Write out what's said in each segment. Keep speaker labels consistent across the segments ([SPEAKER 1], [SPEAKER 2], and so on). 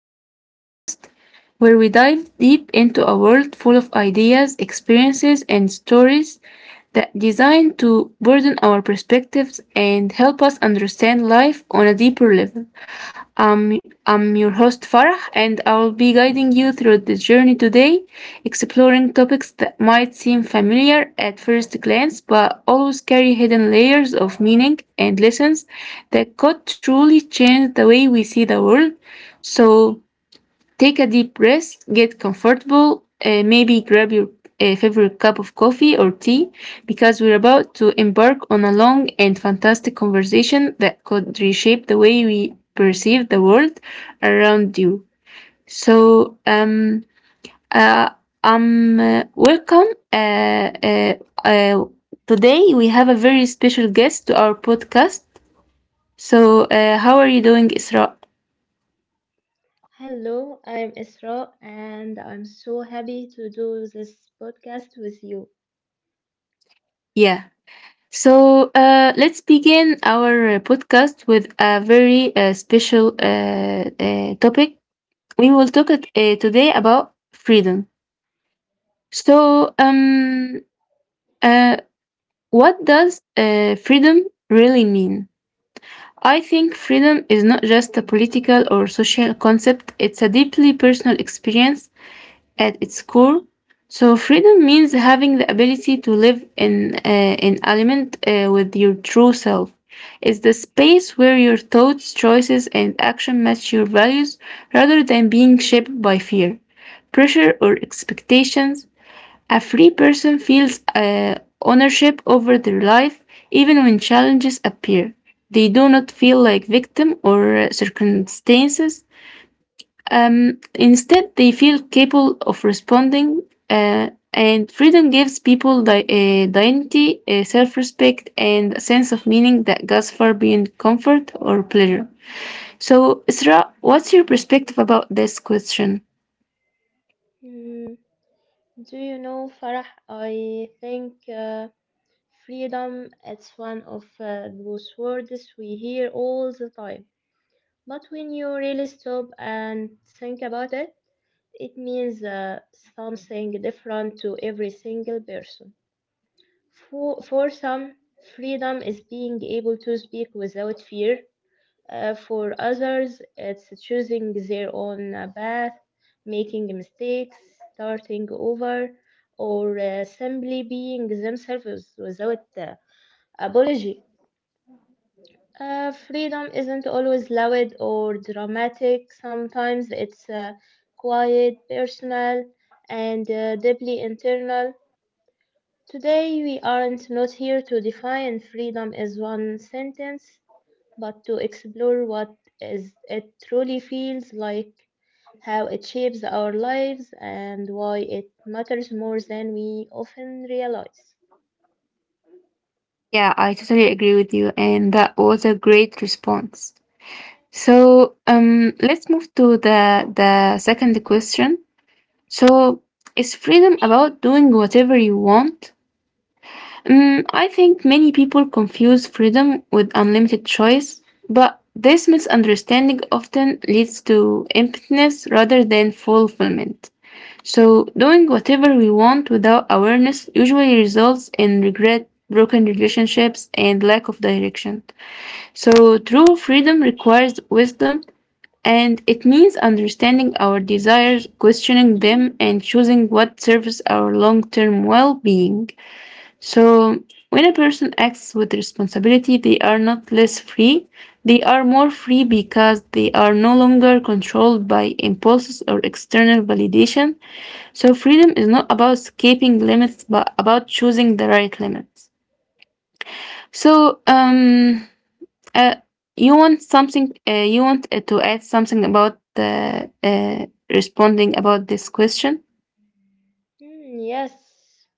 [SPEAKER 1] our podcast, where we dive deep into a world full of ideas, experiences, and stories that designed to broaden our perspectives and help us understand life on a deeper level. I'm your host Farah, and I will be guiding you through this journey today, exploring topics that might seem familiar at first glance, but always carry hidden layers of meaning and lessons that could truly change the way we see the world. So take a deep breath, get comfortable, maybe grab your favorite cup of coffee or tea, because we're about to embark on a long and fantastic conversation that could reshape the way we perceive the world around you. So, um, uh, welcome. Uh, Today we have a very special guest to our podcast. So, how are you doing, Isra?
[SPEAKER 2] Hello, I'm Isra, and I'm so happy to do this podcast with you.
[SPEAKER 1] Yeah. So, let's begin our podcast with a very special topic. We will talk at, today about freedom. So, uh, what does freedom really mean? I think freedom is not just a political or social concept, it's a deeply personal experience at its core. So freedom means having the ability to live in alignment with your true self. It's the space where your thoughts, choices, and action match your values rather than being shaped by fear, pressure, or expectations. A free person feels ownership over their life even when challenges appear. They do not feel like victim or circumstances. Instead, they feel capable of responding, and freedom gives people dignity, self respect, and a sense of meaning that goes far beyond comfort or pleasure. So, Isra, what's your perspective about this question?
[SPEAKER 2] Hmm, do you know, Farah? I think freedom it's one of those words we hear all the time. But when you really stop and think about it, it means something different to every single person. For some, freedom is being able to speak without fear. For others, it's choosing their own path, making mistakes, starting over, or simply being themselves without apology. Freedom isn't always loud or dramatic, sometimes it's quiet, personal, and deeply internal. Today, we aren't not here to define freedom as one sentence but to explore what is it truly feels like, how it shapes our lives, and why it matters more than we often realize.
[SPEAKER 1] Yeah, I totally agree with you, and that was a great response. So, let's move to the second question. So, is freedom about doing whatever you want? Mm, I think many people confuse freedom with unlimited choice, but this misunderstanding often leads to emptiness rather than fulfillment. So, doing whatever we want without awareness usually results in regret, broken relationships, and lack of direction. So, true freedom requires wisdom and it means understanding our desires, questioning them, and choosing what serves our long term well being. So, when a person acts with responsibility, they are not less free. They are more free because they are no longer controlled by impulses or external validation. So, freedom is not about escaping limits, but about choosing the right limits. So, uh, you want something, you want to add something about responding about this question?
[SPEAKER 2] Hmm, yes,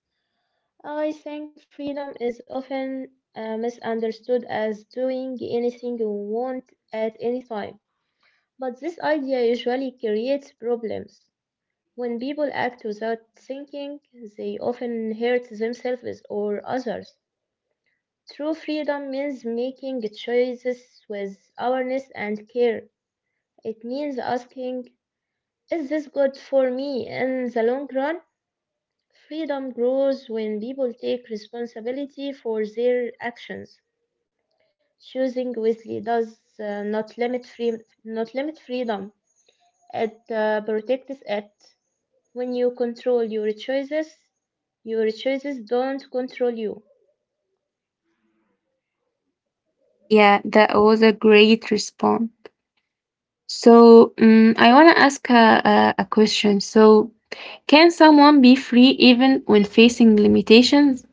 [SPEAKER 2] I think freedom is often misunderstood as doing anything you want at any time, but this idea usually creates problems. When people act without thinking, they often hurt themselves or others. True freedom means making choices with awareness and care. It means asking, is this good for me in the long run? Freedom grows when people take responsibility for their actions. Choosing wisely does not limit freedom. It protects it. When you control your choices don't control you.
[SPEAKER 1] Yeah, that was a great response. So, I want to ask a question. So, can someone be free even when facing limitations?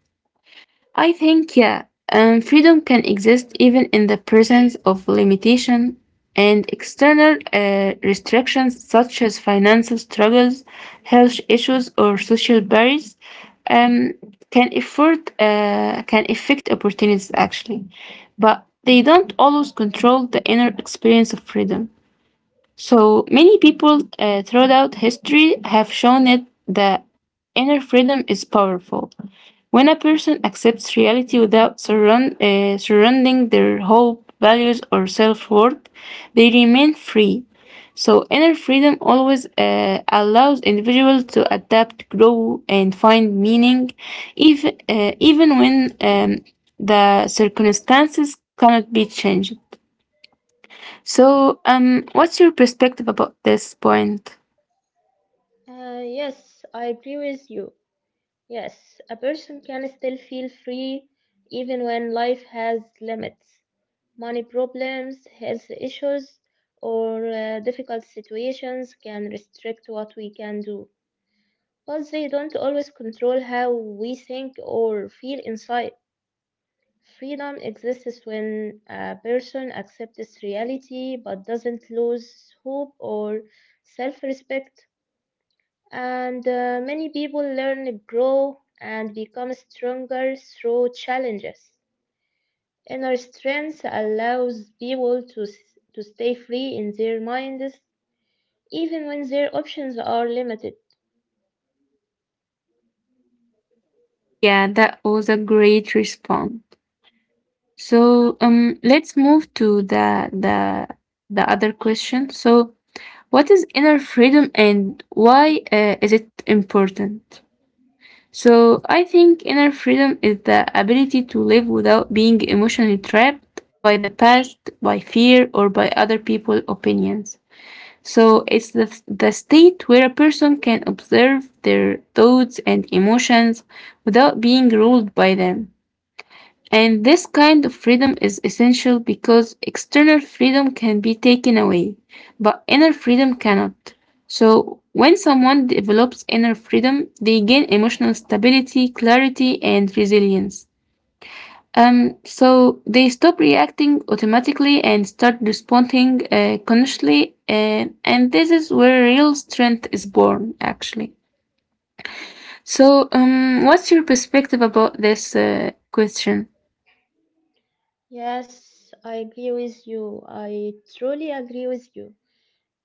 [SPEAKER 1] I think, yeah, freedom can exist even in the presence of limitation and external restrictions such as financial struggles, health issues, or social barriers. Um, can affect opportunities actually, but they don't always control the inner experience of freedom. So many people throughout history have shown it that inner freedom is powerful when a person accepts reality without surrounding their hope, values, or self worth, they remain free. So, inner freedom always allows individuals to adapt, grow, and find meaning, if, even when the circumstances cannot be changed. So, what's your perspective about this point?
[SPEAKER 2] Yes, I agree with you. Yes, a person can still feel free even when life has limits. Money problems, health issues, or difficult situations can restrict what we can do. But they don't always control how we think or feel inside. Freedom exists when a person accepts reality but doesn't lose hope or self respect. And many people learn, grow, and become stronger through challenges. Inner strength allows people to stay free in their minds, even when their options are limited.
[SPEAKER 1] Yeah, that was a great response. So, let's move to the other question. So, what is inner freedom and why is it important? So, I think inner freedom is the ability to live without being emotionally trapped by the past, by fear, or by other people's opinions. So, it's the state where a person can observe their thoughts and emotions without being ruled by them. And this kind of freedom is essential because external freedom can be taken away, but inner freedom cannot. So, when someone develops inner freedom, they gain emotional stability, clarity, and resilience. So, they stop reacting automatically and start responding consciously, and this is where real strength is born, actually. So, what's your perspective about this question?
[SPEAKER 2] Yes, I agree with you. I truly agree with you.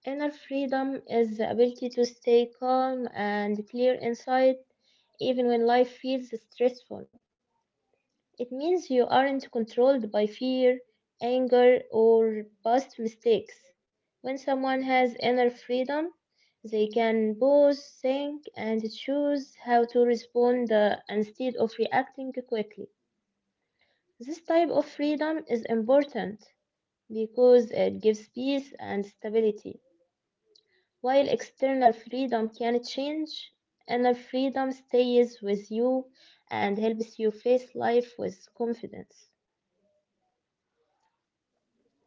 [SPEAKER 2] Inner freedom is the ability to stay calm and clear inside, even when life feels stressful. It means you aren't controlled by fear, anger, or past mistakes. When someone has inner freedom, they can pause, think, and choose how to respond instead of reacting quickly. This type of freedom is important because it gives peace and stability. While external freedom can change, inner freedom stays with you and helps you face life with confidence.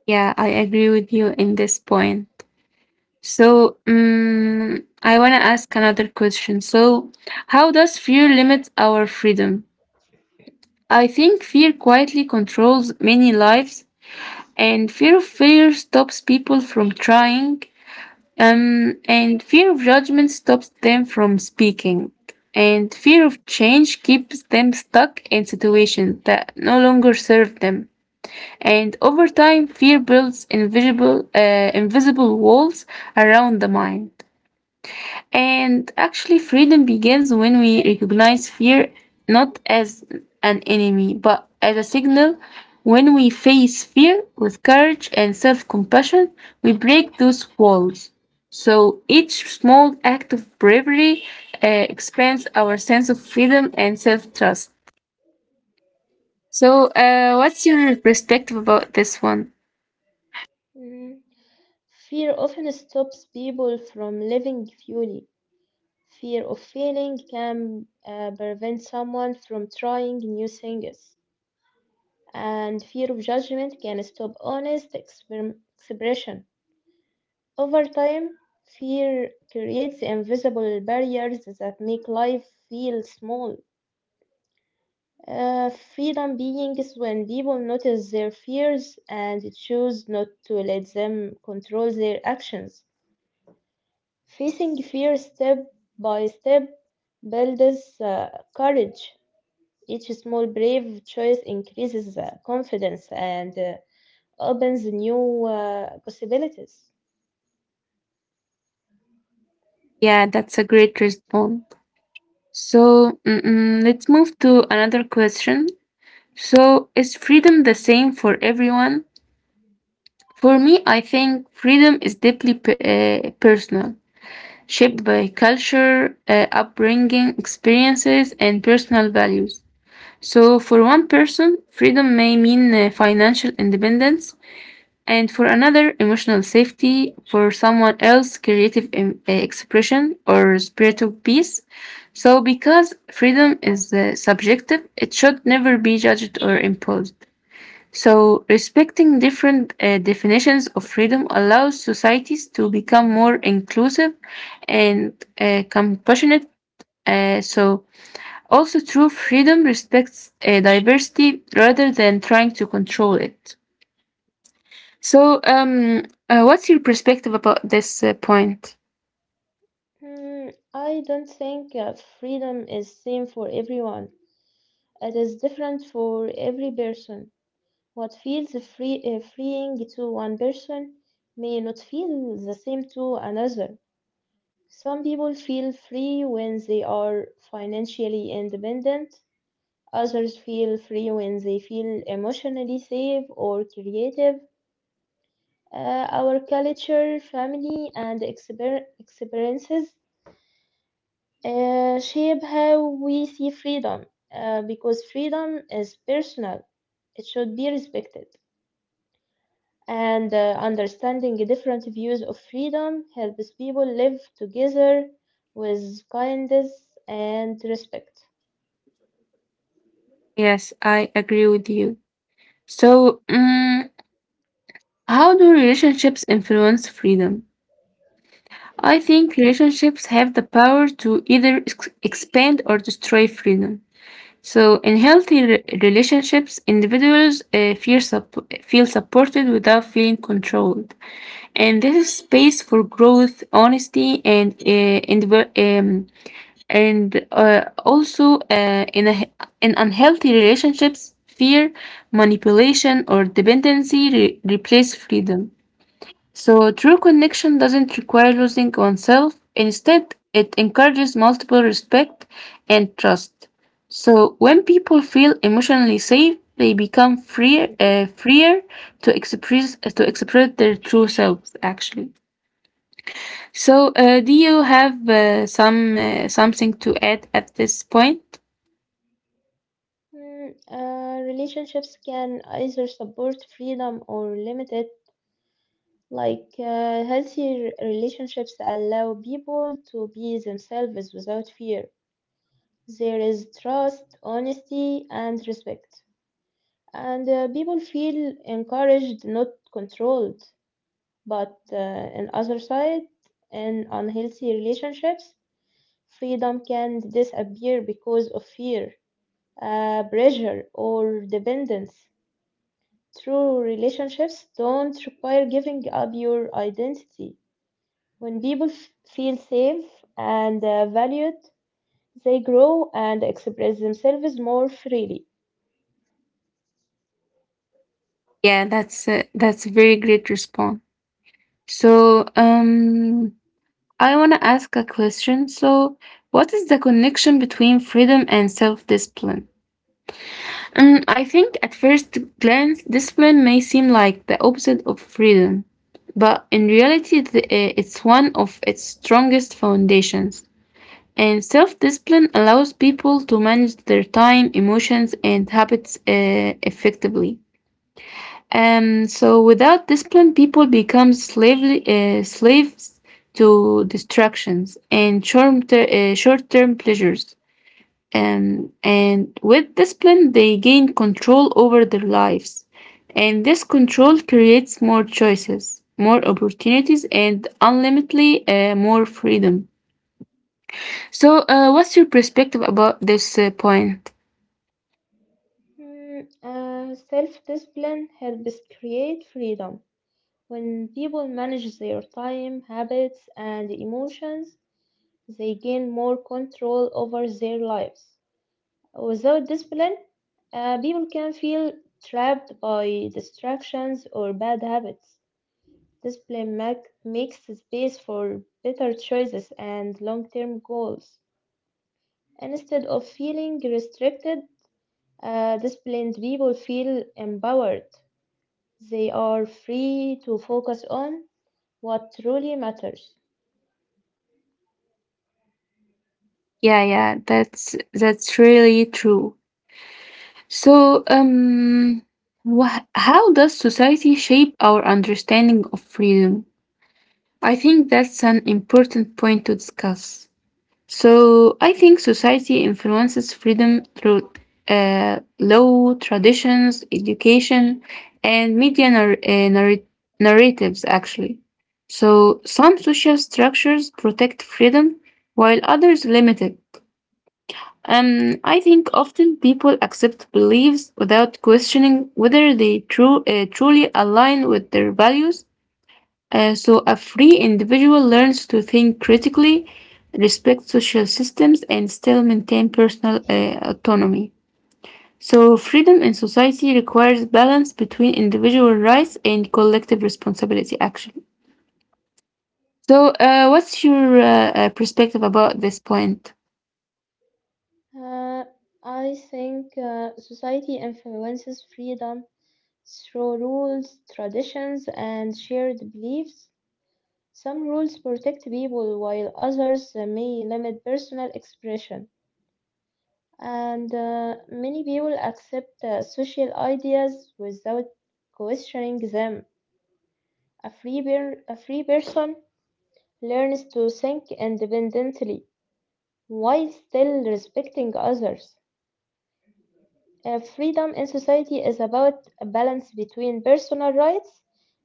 [SPEAKER 1] Yeah, I agree with you in this point. So, I want to ask another question. So, how does fear limit our freedom? I think fear quietly controls many lives, and fear of failure stops people from trying, and fear of judgment stops them from speaking, and fear of change keeps them stuck in situations that no longer serve them. And over time, fear builds invisible walls around the mind. And actually, freedom begins when we recognize fear not as an enemy, but as a signal. When we face fear with courage and self compassion, we break those walls. So each small act of bravery expands our sense of freedom and self trust. So, what's your perspective about this one?
[SPEAKER 2] Mhm. Fear often stops people from living fully. Fear of failing can prevent someone from trying new things, and fear of judgment can stop honest expression. Over time, fear creates invisible barriers that make life feel small. Freedom being when people notice their fears and choose not to let them control their actions. Facing fear step by step builds courage. Each small brave choice increases confidence and opens new possibilities.
[SPEAKER 1] Yeah, that's a great response. So mm-mm, let's move to another question. So, is freedom the same for everyone? For me, I think freedom is deeply personal, shaped by culture, upbringing, experiences, and personal values. So, for one person, freedom may mean financial independence, and for another, emotional safety, for someone else, creative expression or spiritual peace. So, because freedom is subjective, it should never be judged or imposed. So, respecting different definitions of freedom allows societies to become more inclusive and compassionate. So, also, true freedom respects diversity rather than trying to control it. So, what's your perspective about this point?
[SPEAKER 2] I don't think freedom is same for everyone. It is different for every person. What feels freeing to one person may not feel the same to another. Some people feel free when they are financially independent. Others feel free when they feel emotionally safe or creative. Our culture, family, and experiences shape how we see freedom because freedom is personal, it should be respected. And understanding different views of freedom helps people live together with kindness and respect.
[SPEAKER 1] Yes, I agree with you. So, how do relationships influence freedom? I think relationships have the power to either expand or destroy freedom. So, in healthy relationships, individuals feel supported without feeling controlled. And this is space for growth, honesty, and also in unhealthy relationships fear manipulation or dependency replace freedom, so true connection doesn't require losing oneself, instead it encourages multiple respect and trust. So when people feel emotionally safe they become freer to express their true selves actually. So, do you have something to add at this point?
[SPEAKER 2] Relationships can either support freedom or limit it. Like healthy relationships allow people to be themselves without fear. There is trust, honesty, and respect. And people feel encouraged, not controlled. But On other side, in unhealthy relationships, freedom can disappear because of fear, pressure, or dependence. True relationships don't require giving up your identity. When people feel safe and valued, they grow and express themselves more freely.
[SPEAKER 1] Yeah, that's a very great response. So, I want to ask a question. So, what is the connection between freedom and self-discipline? I think at first glance, discipline may seem like the opposite of freedom, but in reality, it's one of its strongest foundations. And self discipline allows people to manage their time, emotions, and habits effectively. So without discipline, people become slaves to distractions and short-term pleasures. And with discipline, they gain control over their lives. And this control creates more choices, more opportunities, and unlimitedly more freedom. So, what's your perspective about this point?
[SPEAKER 2] Self discipline helps create freedom. When people manage their time, habits, and emotions, they gain more control over their lives. Without discipline, people can feel trapped by distractions or bad habits. Discipline makes space for better choices and long term goals. Instead of feeling restricted, disciplined people feel empowered. They are free to focus on what truly matters.
[SPEAKER 1] Yeah, yeah, that's really true. So, wha how does society shape our understanding of freedom? I think that's an important point to discuss. So I think society influences freedom through law, traditions, education, and media narratives, actually. So some social structures protect freedom while others limit it. I think often people accept beliefs without questioning whether they truly align with their values, so, a free individual learns to think critically, respect social systems, and still maintain personal autonomy. So, freedom in society requires balance between individual rights and collective responsibility, actually. So, what's your perspective about this point?
[SPEAKER 2] Uh, I think society influences freedom through rules, traditions, and shared beliefs. Some rules protect people while others may limit personal expression. And many people accept social ideas without questioning them. A free person learns to think independently while still respecting others. Freedom in society is about a balance between personal rights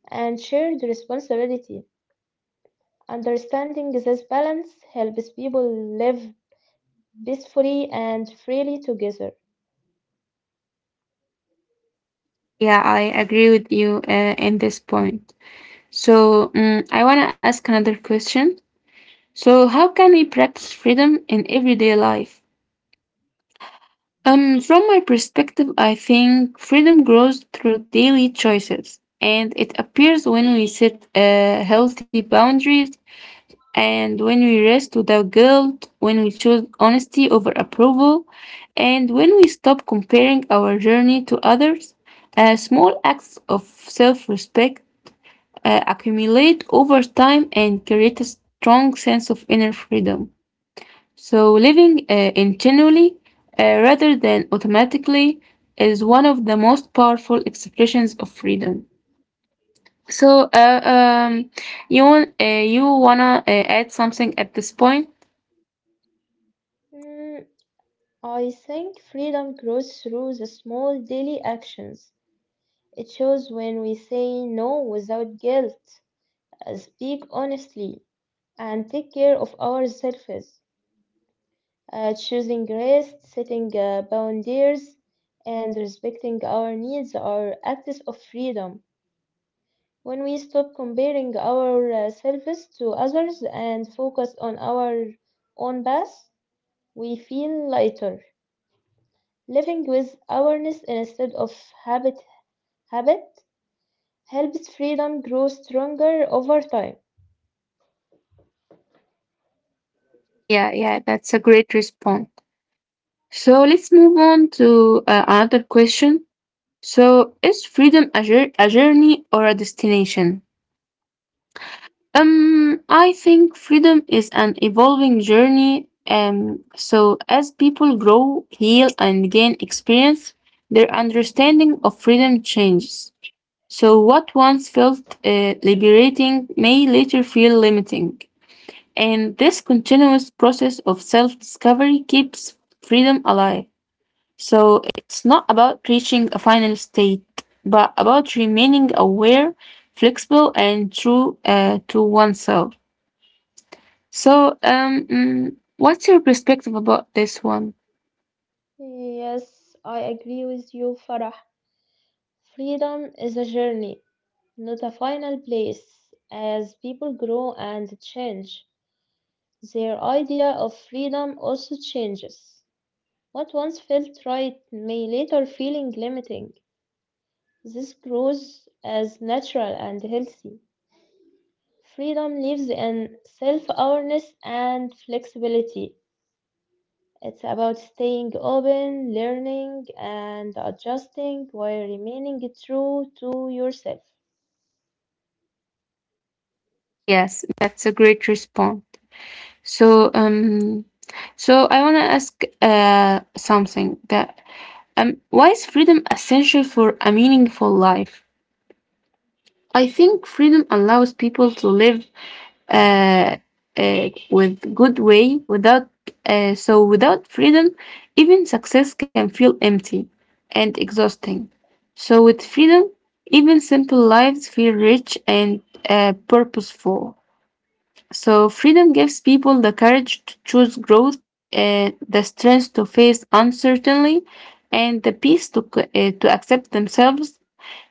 [SPEAKER 2] and shared responsibility. Understanding this balance helps people live peacefully and freely together.
[SPEAKER 1] Yeah, I agree with you in this point. So, I want to ask another question. So, how can we practice freedom in everyday life? From my perspective, I think freedom grows through daily choices, and it appears when we set healthy boundaries and when we rest without guilt, when we choose honesty over approval, and when we stop comparing our journey to others. Small acts of self respect accumulate over time and create a strong sense of inner freedom. So, living intentionally rather than automatically is one of the most powerful expressions of freedom. So, you want you wanna add something at this point?
[SPEAKER 2] Mm, I think freedom grows through the small daily actions. It shows when we say no without guilt, speak honestly, and take care of ourselves. Choosing rest, setting boundaries, and respecting our needs are acts of freedom. When we stop comparing ourselves to others and focus on our own path, we feel lighter. Living with awareness instead of habit habit helps freedom grow stronger over time.
[SPEAKER 1] Yeah, yeah, that's a great response. So let's move on to another question. So, is freedom a journey or a destination? I think freedom is an evolving journey. So as people grow, heal, and gain experience, their understanding of freedom changes. So what once felt liberating may later feel limiting. And this continuous process of self-discovery keeps freedom alive. So it's not about reaching a final state, but about remaining aware, flexible, and true to oneself. So, what's your perspective about this one?
[SPEAKER 2] Yes, I agree with you, Farah. Freedom is a journey, not a final place. As people grow and change, their idea of freedom also changes. What once felt right may later feeling limiting. This grows as natural and healthy. Freedom lives in self-awareness and flexibility. It's about staying open, learning, and adjusting while remaining true to yourself.
[SPEAKER 1] Yes, that's a great response. So, um, so I want to ask something that why is freedom essential for a meaningful life? I think freedom allows people to live uh, with good way without without freedom even success can feel empty and exhausting, so with freedom even simple lives feel rich and purposeful. So freedom gives people the courage to choose growth, the strength to face uncertainty, and the peace to, to accept themselves.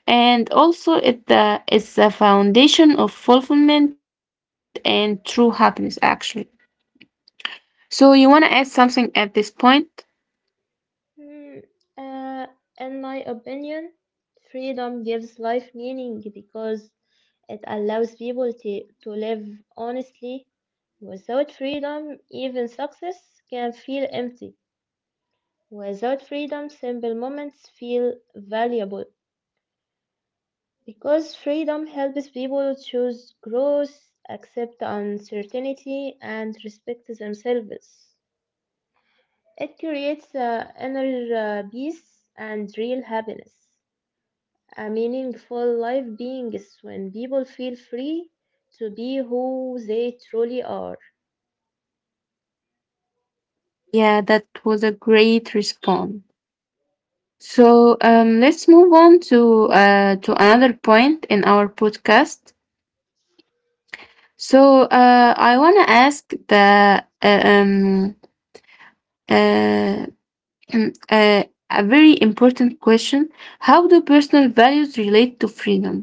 [SPEAKER 1] And also it's the foundation of fulfillment and true happiness actually. So you want to add something at this point?
[SPEAKER 2] Hmm, uh, in my opinion, freedom gives life meaning because it allows people to live honestly. Without freedom, even success can feel empty. Without freedom, simple moments feel valuable because freedom helps people choose growth, accept uncertainty, and respect themselves. It creates inner peace and real happiness. A meaningful life being is when people feel free to be who they truly are.
[SPEAKER 1] Yeah, that was a great response. So, let's move on to another point in our podcast. So I want to ask the uh, uh, a very important question: how do personal values relate to freedom?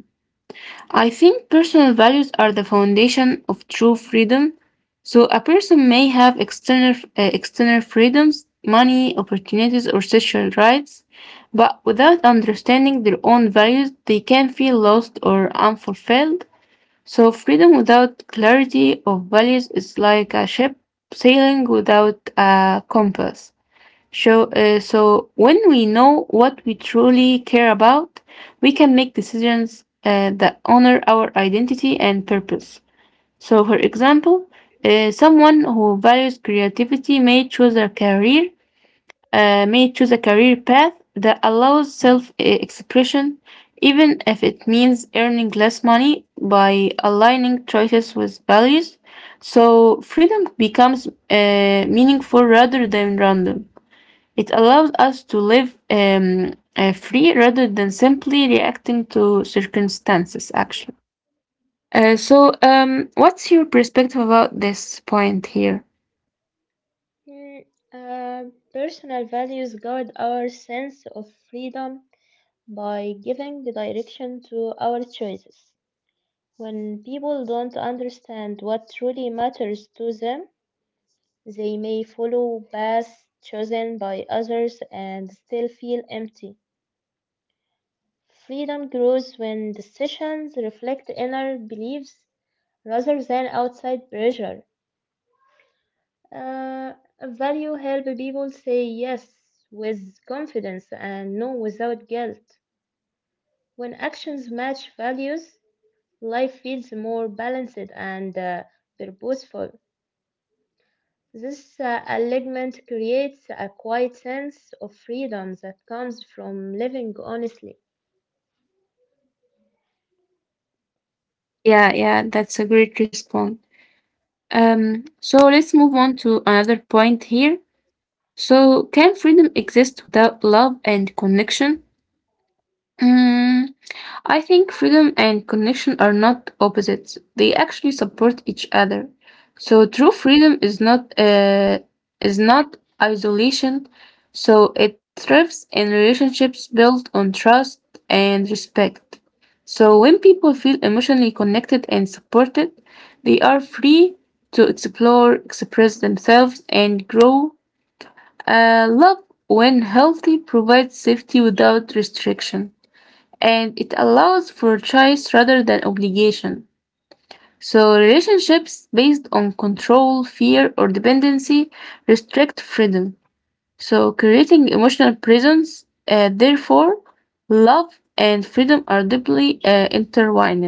[SPEAKER 1] I think personal values are the foundation of true freedom. So a person may have external external freedoms, money, opportunities, or social rights, but without understanding their own values, they can feel lost or unfulfilled. So freedom without clarity of values is like a ship sailing without a compass. So when we know what we truly care about, we can make decisions that honor our identity and purpose. So, for example, someone who values creativity may choose a career, may choose a career path that allows self-expression, even if it means earning less money by aligning choices with values. So, freedom becomes meaningful rather than random. It allows us to live free rather than simply reacting to circumstances, actually. What's your perspective about this point here?
[SPEAKER 2] Mm, uh, Personal values guard our sense of freedom by giving direction to our choices. When people don't understand what truly matters to them, they may follow paths chosen by others and still feel empty. Freedom grows when decisions reflect inner beliefs rather than outside pressure. Uh, value help people say yes with confidence and no without guilt. When actions match values, life feels more balanced and purposeful. This alignment creates a quiet sense of freedom that comes from living honestly.
[SPEAKER 1] Yeah, yeah, that's a great response. Let's move on to another point here. So, can freedom exist without love and connection? Hmm, I think freedom and connection are not opposites. They actually support each other. So true freedom is not isolation. So it thrives in relationships built on trust and respect. So when people feel emotionally connected and supported, they are free to explore, express themselves, and grow. Love, when healthy, provides safety without restriction, and it allows for choice rather than obligation. So, relationships based on control, fear, or dependency restrict freedom, so creating emotional prisons. Therefore, love and freedom are deeply intertwined.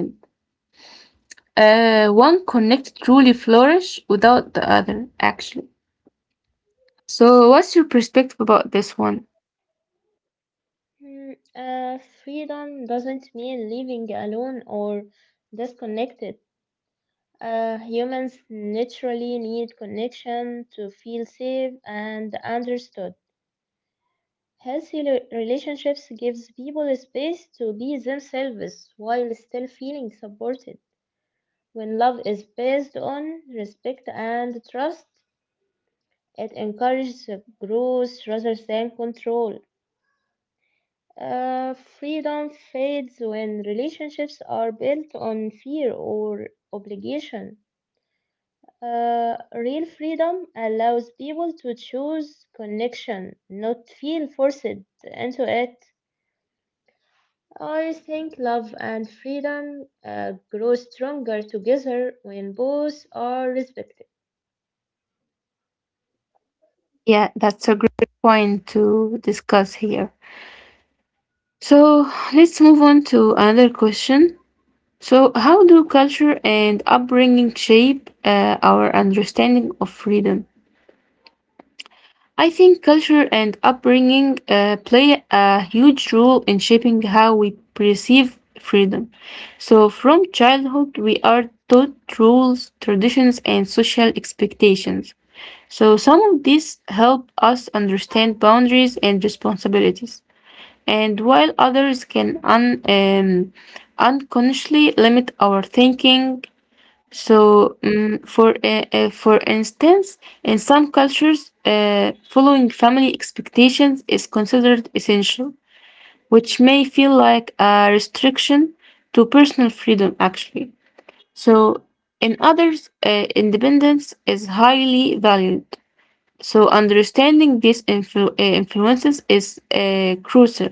[SPEAKER 1] One connect truly flourish without the other, actually. So, what's your perspective about this one?
[SPEAKER 2] Mm, uh, Freedom doesn't mean living alone or disconnected. Humans naturally need connection to feel safe and understood. Healthy relationships gives people space to be themselves while still feeling supported. When love is based on respect and trust, it encourages growth rather than control. Freedom fades when relationships are built on fear or obligation. Real freedom allows people to choose connection, not feel forced into it. I think love and freedom grow stronger together when both are respected.
[SPEAKER 1] Yeah, that's a great point to discuss here. So, let's move on to another question. So, how do culture and upbringing shape our understanding of freedom? I think culture and upbringing play a huge role in shaping how we perceive freedom. So, from childhood, we are taught rules, traditions, and social expectations. So, some of these help us understand boundaries and responsibilities, and while others can unconsciously limit our thinking. So, mm, for instance, in some cultures, following family expectations is considered essential, which may feel like a restriction to personal freedom, actually. So, in others, independence is highly valued. So understanding these influences is crucial,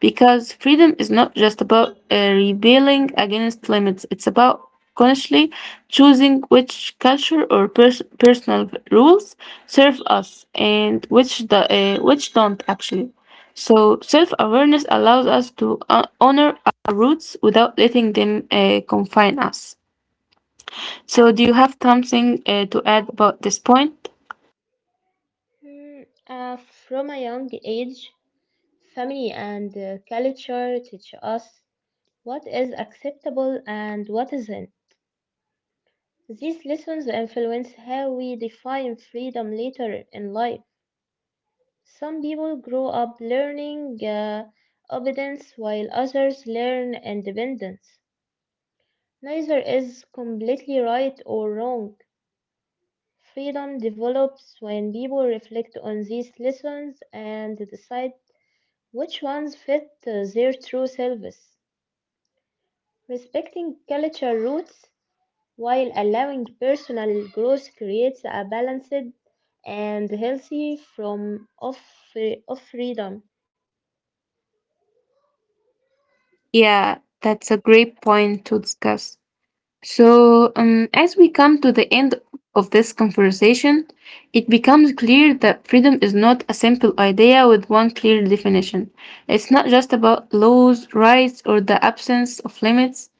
[SPEAKER 1] because freedom is not just about rebelling against limits. It's about consciously choosing which culture or personal rules serve us and which which don't actually. So self-awareness allows us to honor our roots without letting them confine us. So do you have something to add about this point?
[SPEAKER 2] Mm, uh, from a young age, family and culture teach us what is acceptable and what isn't. These lessons influence how we define freedom later in life. Some people grow up learning obedience while others learn independence. Neither is completely right or wrong. Freedom develops when people reflect on these lessons and decide which ones fit their true selves. Respecting cultural roots while allowing personal growth creates a balanced and healthy form of, of freedom.
[SPEAKER 1] Yeah, that's a great point to discuss. So, as we come to the end of this conversation, it becomes clear that freedom is not a simple idea with one clear definition. It's not just about laws, rights, or the absence of limits.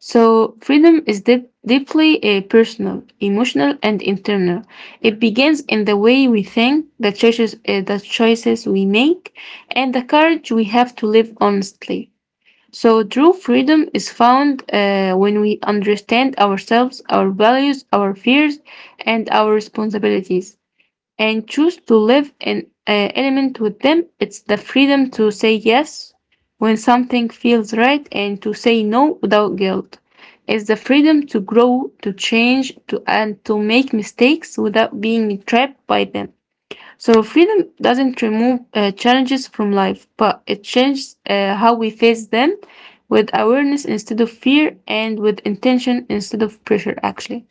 [SPEAKER 1] So, freedom is deeply personal, emotional, and internal. It begins in the way we think, the choices we make, and the courage we have to live honestly. So, true freedom is found when we understand ourselves, our values, our fears, and our responsibilities, and choose to live in element with them. It's the freedom to say yes when something feels right, and to say no without guilt. It's the freedom to grow, to change, to and to make mistakes without being trapped by them. So freedom doesn't remove challenges from life, but it changes how we face them, with awareness instead of fear, and with intention instead of pressure, actually.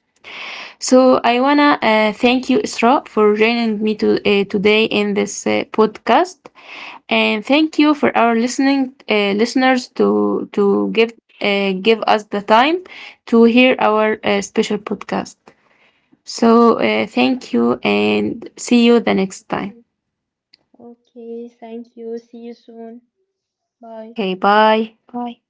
[SPEAKER 1] So I wanna thank you Isra for joining me today in this podcast, and thank you for our listening listeners to give give us the time to hear our special podcast. So thank you and see you the next time.
[SPEAKER 2] Okay, thank you. See you soon. Bye.
[SPEAKER 1] Okay, bye. Bye.